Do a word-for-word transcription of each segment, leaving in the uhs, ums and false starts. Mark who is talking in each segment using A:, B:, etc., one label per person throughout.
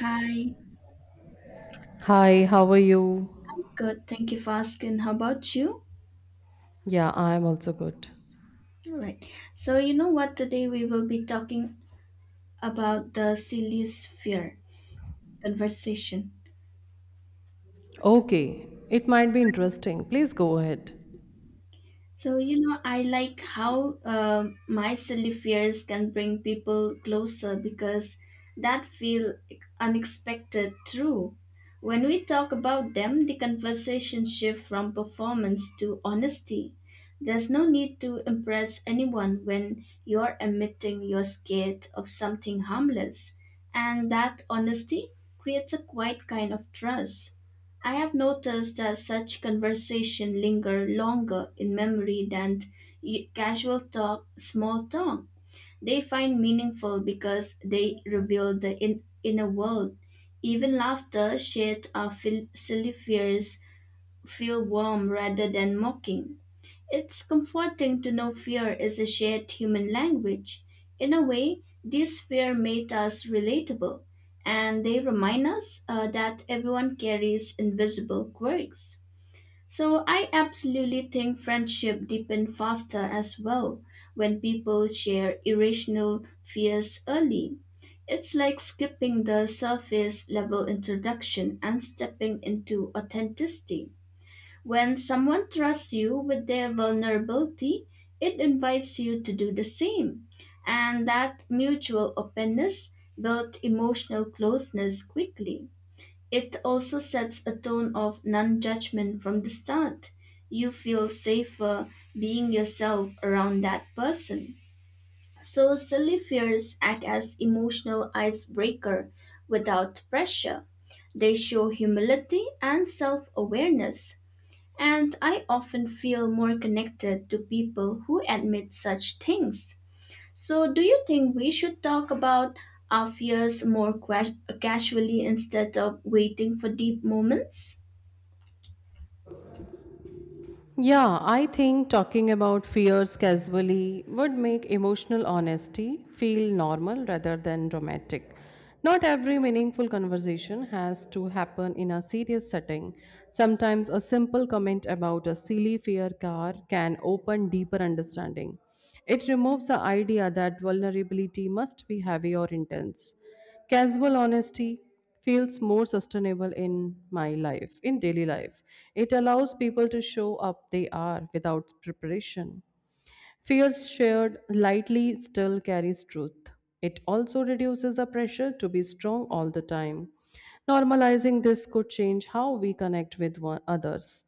A: Hi,
B: Hi, how are you?
A: I'm good. Thank you for asking. How about you?
B: Yeah, I'm also good.
A: All right. So, you know what? Today we will be talking about the silliest fear conversation.
B: Okay, it might be interesting. Please go ahead.
A: So, you know, I like how uh my silly fears can bring people closer because that feel unexpected true. When we talk about them, the conversation shift from performance to honesty. There's no need to impress anyone when you're admitting you're scared of something harmless. And that honesty creates a quiet kind of trust. I have noticed that such conversation linger longer in memory than y- casual talk, small talk. They find meaningful because they reveal the in, inner world. Even laughter shared or fil- silly fears feel warm rather than mocking. It's comforting to know fear is a shared human language. In a way, these fears made us relatable, and they remind us uh, that everyone carries invisible quirks. So I absolutely think friendship deepen faster as well when people share irrational fears early. It's like skipping the surface level introduction and stepping into authenticity. When someone trusts you with their vulnerability, it invites you to do the same. And that mutual openness builds emotional closeness quickly. It also sets a tone of non judgment from the start. You feel safer being yourself around that person. So, silly fears act as emotional icebreaker without pressure. They show humility and self awareness. And I often feel more connected to people who admit such things. So, do you think we should talk about our fears more ques- casually instead of waiting for deep moments?
B: Yeah, I think talking about fears casually would make emotional honesty feel normal rather than dramatic. Not every meaningful conversation has to happen in a serious setting. Sometimes a simple comment about a silly fear car can open deeper understanding. It removes the idea that vulnerability must be heavy or intense. Casual honesty feels more sustainable in my life, in daily life. It allows people to show up they are without preparation. Fears shared lightly still carries truth. It also reduces the pressure to be strong all the time. Normalizing this could change how we connect with one, others.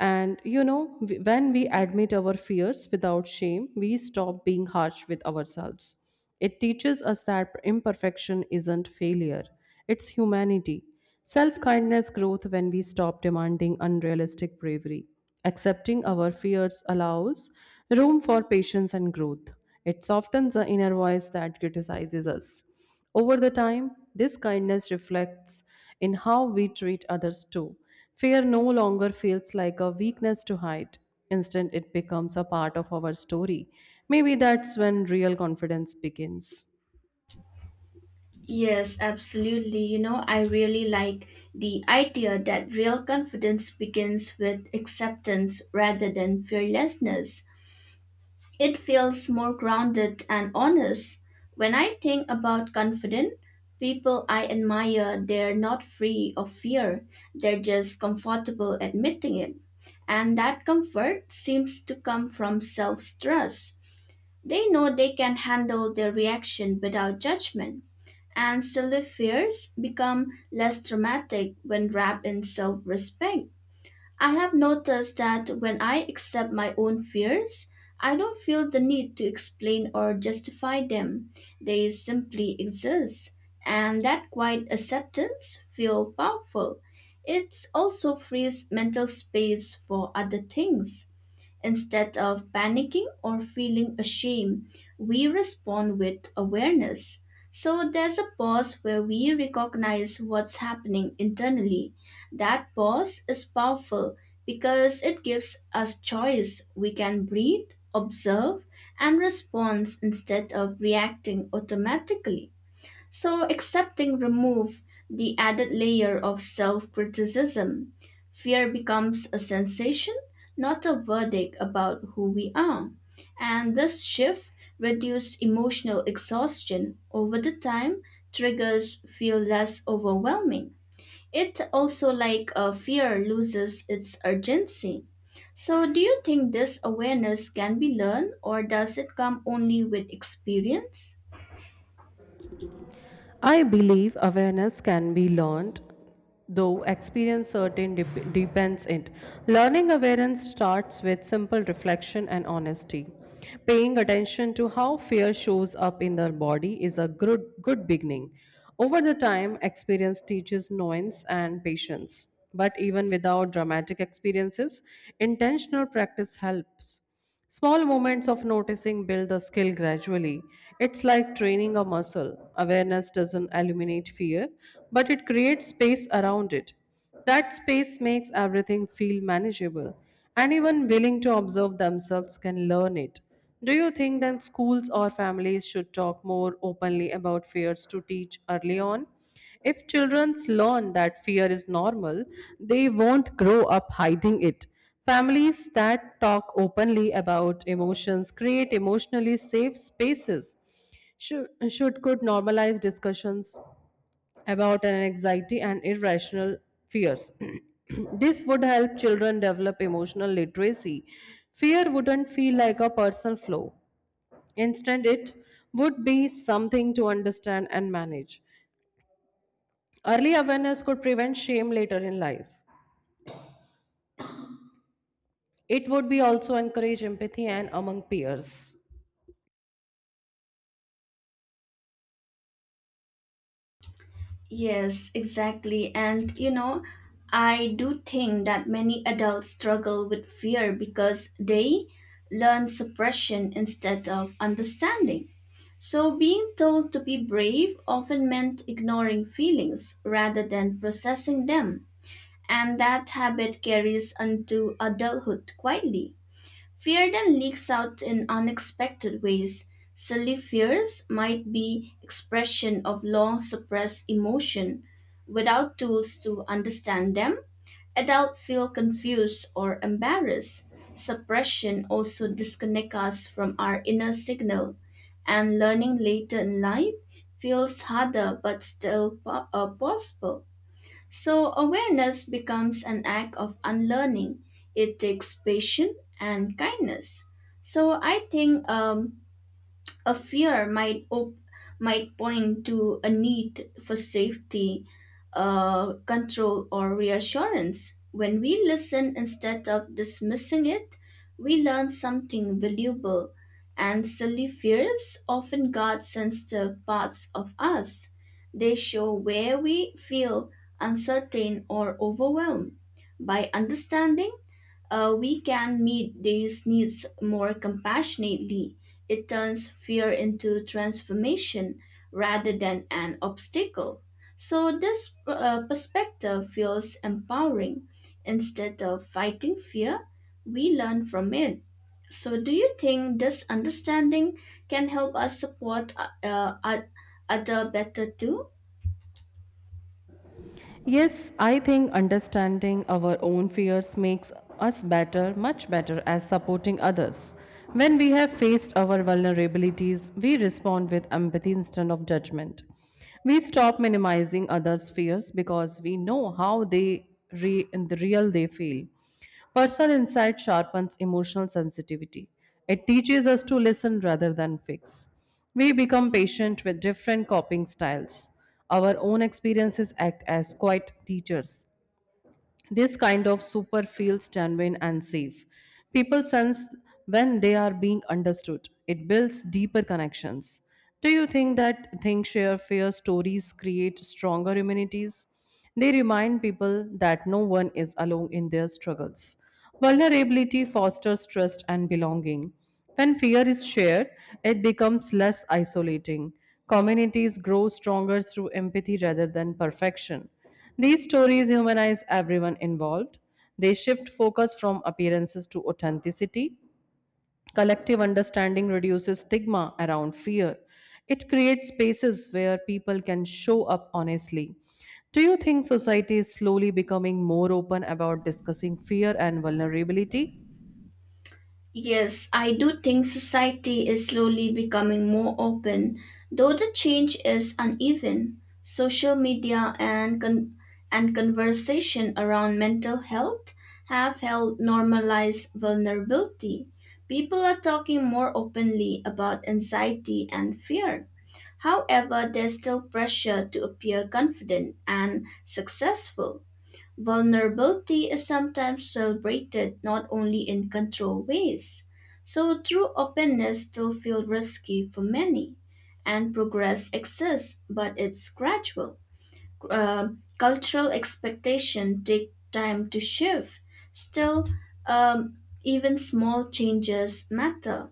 B: And you know, w- When we admit our fears without shame, we stop being harsh with ourselves. It teaches us that imperfection isn't failure, it's humanity. Self kindness growth when we stop demanding unrealistic bravery. Accepting our fears allows room for patience and growth. It softens the inner voice that criticizes us. Over the time, this kindness reflects in how we treat others too. Fear no longer feels like a weakness to hide. Instead, it becomes a part of our story. Maybe that's when real confidence begins.
A: Yes, absolutely. You know, I really like the idea that real confidence begins with acceptance rather than fearlessness. It feels more grounded and honest. When I think about confident people I admire, they're not free of fear, they're just comfortable admitting it. And that comfort seems to come from self trust. They know they can handle their reaction without judgment. And silly fears become less traumatic when wrapped in self respect. I have noticed that when I accept my own fears, I don't feel the need to explain or justify them. They simply exist, and that quiet acceptance feels powerful. It also frees mental space for other things. Instead of panicking or feeling ashamed, we respond with awareness. So there's a pause where we recognize what's happening internally. That pause is powerful because it gives us choice. We can breathe, observe, and respond instead of reacting automatically. So accepting remove the added layer of self-criticism. Fear becomes a sensation, not a verdict about who we are. And this shift reduces emotional exhaustion over the time, triggers feel less overwhelming. It also like a fear loses its urgency. So do you think this awareness can be learned or does it come only with experience?
B: I believe awareness can be learned, though experience certain dep- depends it. Learning awareness starts with simple reflection and honesty. Paying attention to how fear shows up in the body is a good, good beginning. Over the time, experience teaches nuance and patience. But even without dramatic experiences, intentional practice helps. Small moments of noticing build the skill gradually. It's like training a muscle. Awareness doesn't eliminate fear, but it creates space around it. That space makes everything feel manageable. Anyone willing to observe themselves can learn it. Do you think that schools or families should talk more openly about fears to teach early on? If children learn that fear is normal, they won't grow up hiding it. Families that talk openly about emotions create emotionally safe spaces. Should, should Could normalize discussions about an anxiety and irrational fears. This would help children develop emotional literacy. Fear wouldn't feel like a personal flaw. Instead, it would be something to understand and manage. Early awareness could prevent shame later in life. It would be also encourage empathy and among peers.
A: Yes, exactly. And you know, I do think that many adults struggle with fear because they learn suppression instead of understanding. So, being told to be brave often meant ignoring feelings rather than processing them. And that habit carries into adulthood quietly. Fear then leaks out in unexpected ways. Silly fears might be expression of long suppressed emotion. Without tools to understand them, adults feel confused or embarrassed. Suppression also disconnects us from our inner signal, and learning later in life feels harder but still po- uh, possible. So awareness becomes an act of unlearning. It takes patience and kindness. So I think um, a fear might op- might point to a need for safety, uh, control, or reassurance. When we listen instead of dismissing it, we learn something valuable, and silly fears often guard sensitive parts of us. They show where we feel uncertain or overwhelmed. By understanding, uh, we can meet these needs more compassionately. It turns fear into transformation rather than an obstacle. So, this uh, perspective feels empowering. Instead of fighting fear, we learn from it. So, do you think this understanding can help us support uh, uh, other better too?
B: Yes, I think understanding our own fears makes us better, much better, as supporting others. When we have faced our vulnerabilities, we respond with empathy instead of judgment. We stop minimizing others' fears because we know how they re- in the real they feel. Personal insight sharpens emotional sensitivity. It teaches us to listen rather than fix. We become patient with different coping styles. Our own experiences act as quiet teachers. This kind of super feels genuine and safe. People sense when they are being understood. It builds deeper connections. Do you think that think share fear stories create stronger immunities? They remind people that no one is alone in their struggles. Vulnerability fosters trust and belonging. When fear is shared, it becomes less isolating. Communities grow stronger through empathy rather than perfection. These stories humanize everyone involved. They shift focus from appearances to authenticity. Collective understanding reduces stigma around fear. It creates spaces where people can show up honestly. Do you think society is slowly becoming more open about discussing fear and vulnerability?
A: Yes, I do think society is slowly becoming more open, though the change is uneven. Social media and con- and conversation around mental health have helped normalize vulnerability. People are talking more openly about anxiety and fear. However, there's still pressure to appear confident and successful. Vulnerability is sometimes celebrated not only in controlled ways, so true openness still feels risky for many, and progress exists, but it's gradual. Uh, Cultural expectation take time to shift. Still, um, even small changes matter.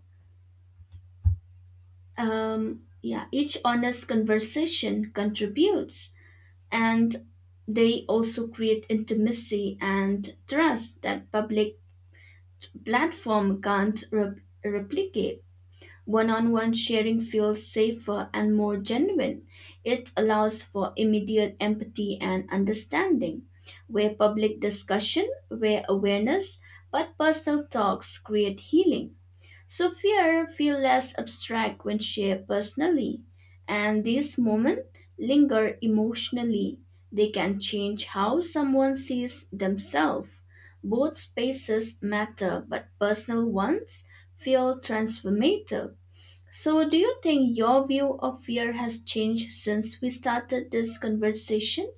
A: Um, yeah, each honest conversation contributes and they also create intimacy and trust that public platform can't re- replicate one-on-one sharing feels safer and more genuine it allows for immediate empathy and understanding where public discussion where awareness but personal talks create healing so fear feel less abstract when shared personally, and these moments linger emotionally. They can change how someone sees themselves. Both spaces matter, but personal ones feel transformative. So, do you think your view of fear has changed since we started this conversation?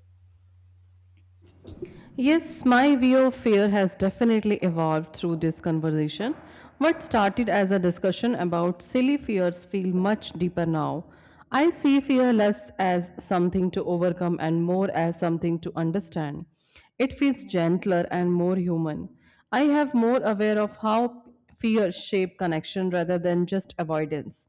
B: Yes, my view of fear has definitely evolved through this conversation. What started as a discussion about silly fears feel much deeper now. I see fear less as something to overcome and more as something to understand. It feels gentler and more human. I have more aware of how fear shape connection rather than just avoidance.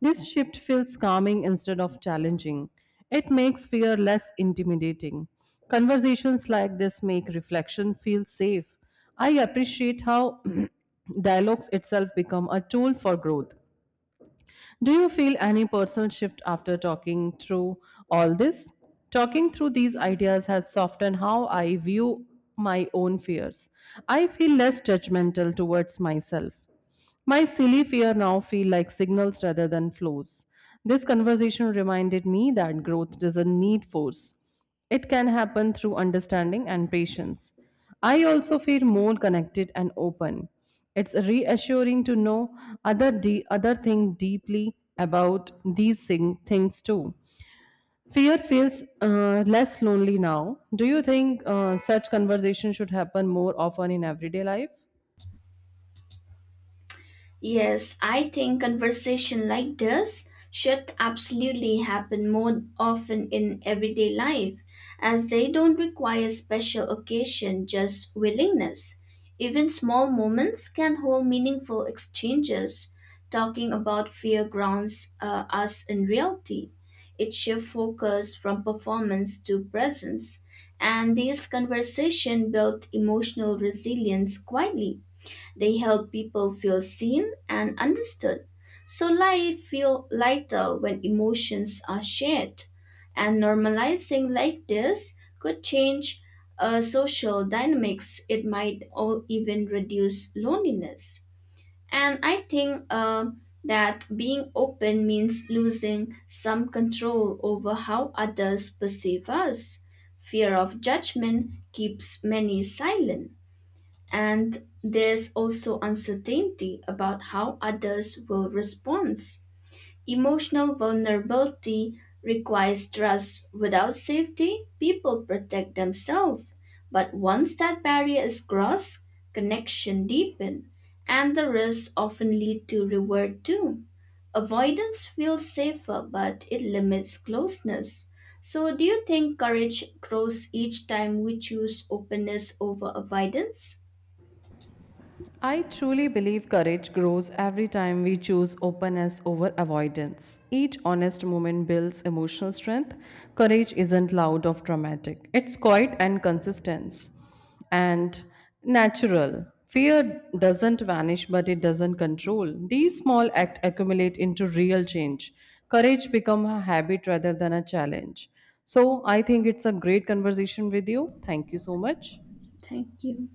B: This shift feels calming instead of challenging. It makes fear less intimidating. Conversations like this make reflection feel safe. I appreciate how dialogues itself become a tool for growth. Do you feel any personal shift after talking through all this? Talking through these ideas has softened how I view my own fears. I feel less judgmental towards myself. My silly fear now feel like signals rather than flows. This conversation reminded me that growth doesn't need force. It can happen through understanding and patience. I also feel more connected and open. It's reassuring to know other de- other thing deeply about these thing- things too. Fear feels uh, less lonely now. Do you think uh, such conversation should happen more often in everyday life?
A: Yes, I think conversation like this should absolutely happen more often in everyday life as they don't require special occasion, just willingness. Even small moments can hold meaningful exchanges. Talking about fear grounds uh, us in reality. It shifts focus from performance to presence, and these conversation build emotional resilience quietly. They help people feel seen and understood. So life feel lighter when emotions are shared. And normalizing like this could change uh, social dynamics. It might all even reduce loneliness. And I think uh, that being open means losing some control over how others perceive us. Fear of judgment keeps many silent. And there's also uncertainty about how others will respond. Emotional vulnerability requires trust. Without safety, people protect themselves. But once that barrier is crossed, connection deepens, and the risks often lead to reward too. Avoidance feels safer, but it limits closeness. So, do you think courage grows each time we choose openness over avoidance?
B: I truly believe courage grows every time we choose openness over avoidance. Each honest moment builds emotional strength. Courage isn't loud or dramatic, it's quiet and consistent and natural. Fear doesn't vanish, but it doesn't control. These small acts accumulate into real change. Courage become a habit rather than a challenge. So I think it's a great conversation with you. Thank you so much.
A: Thank you.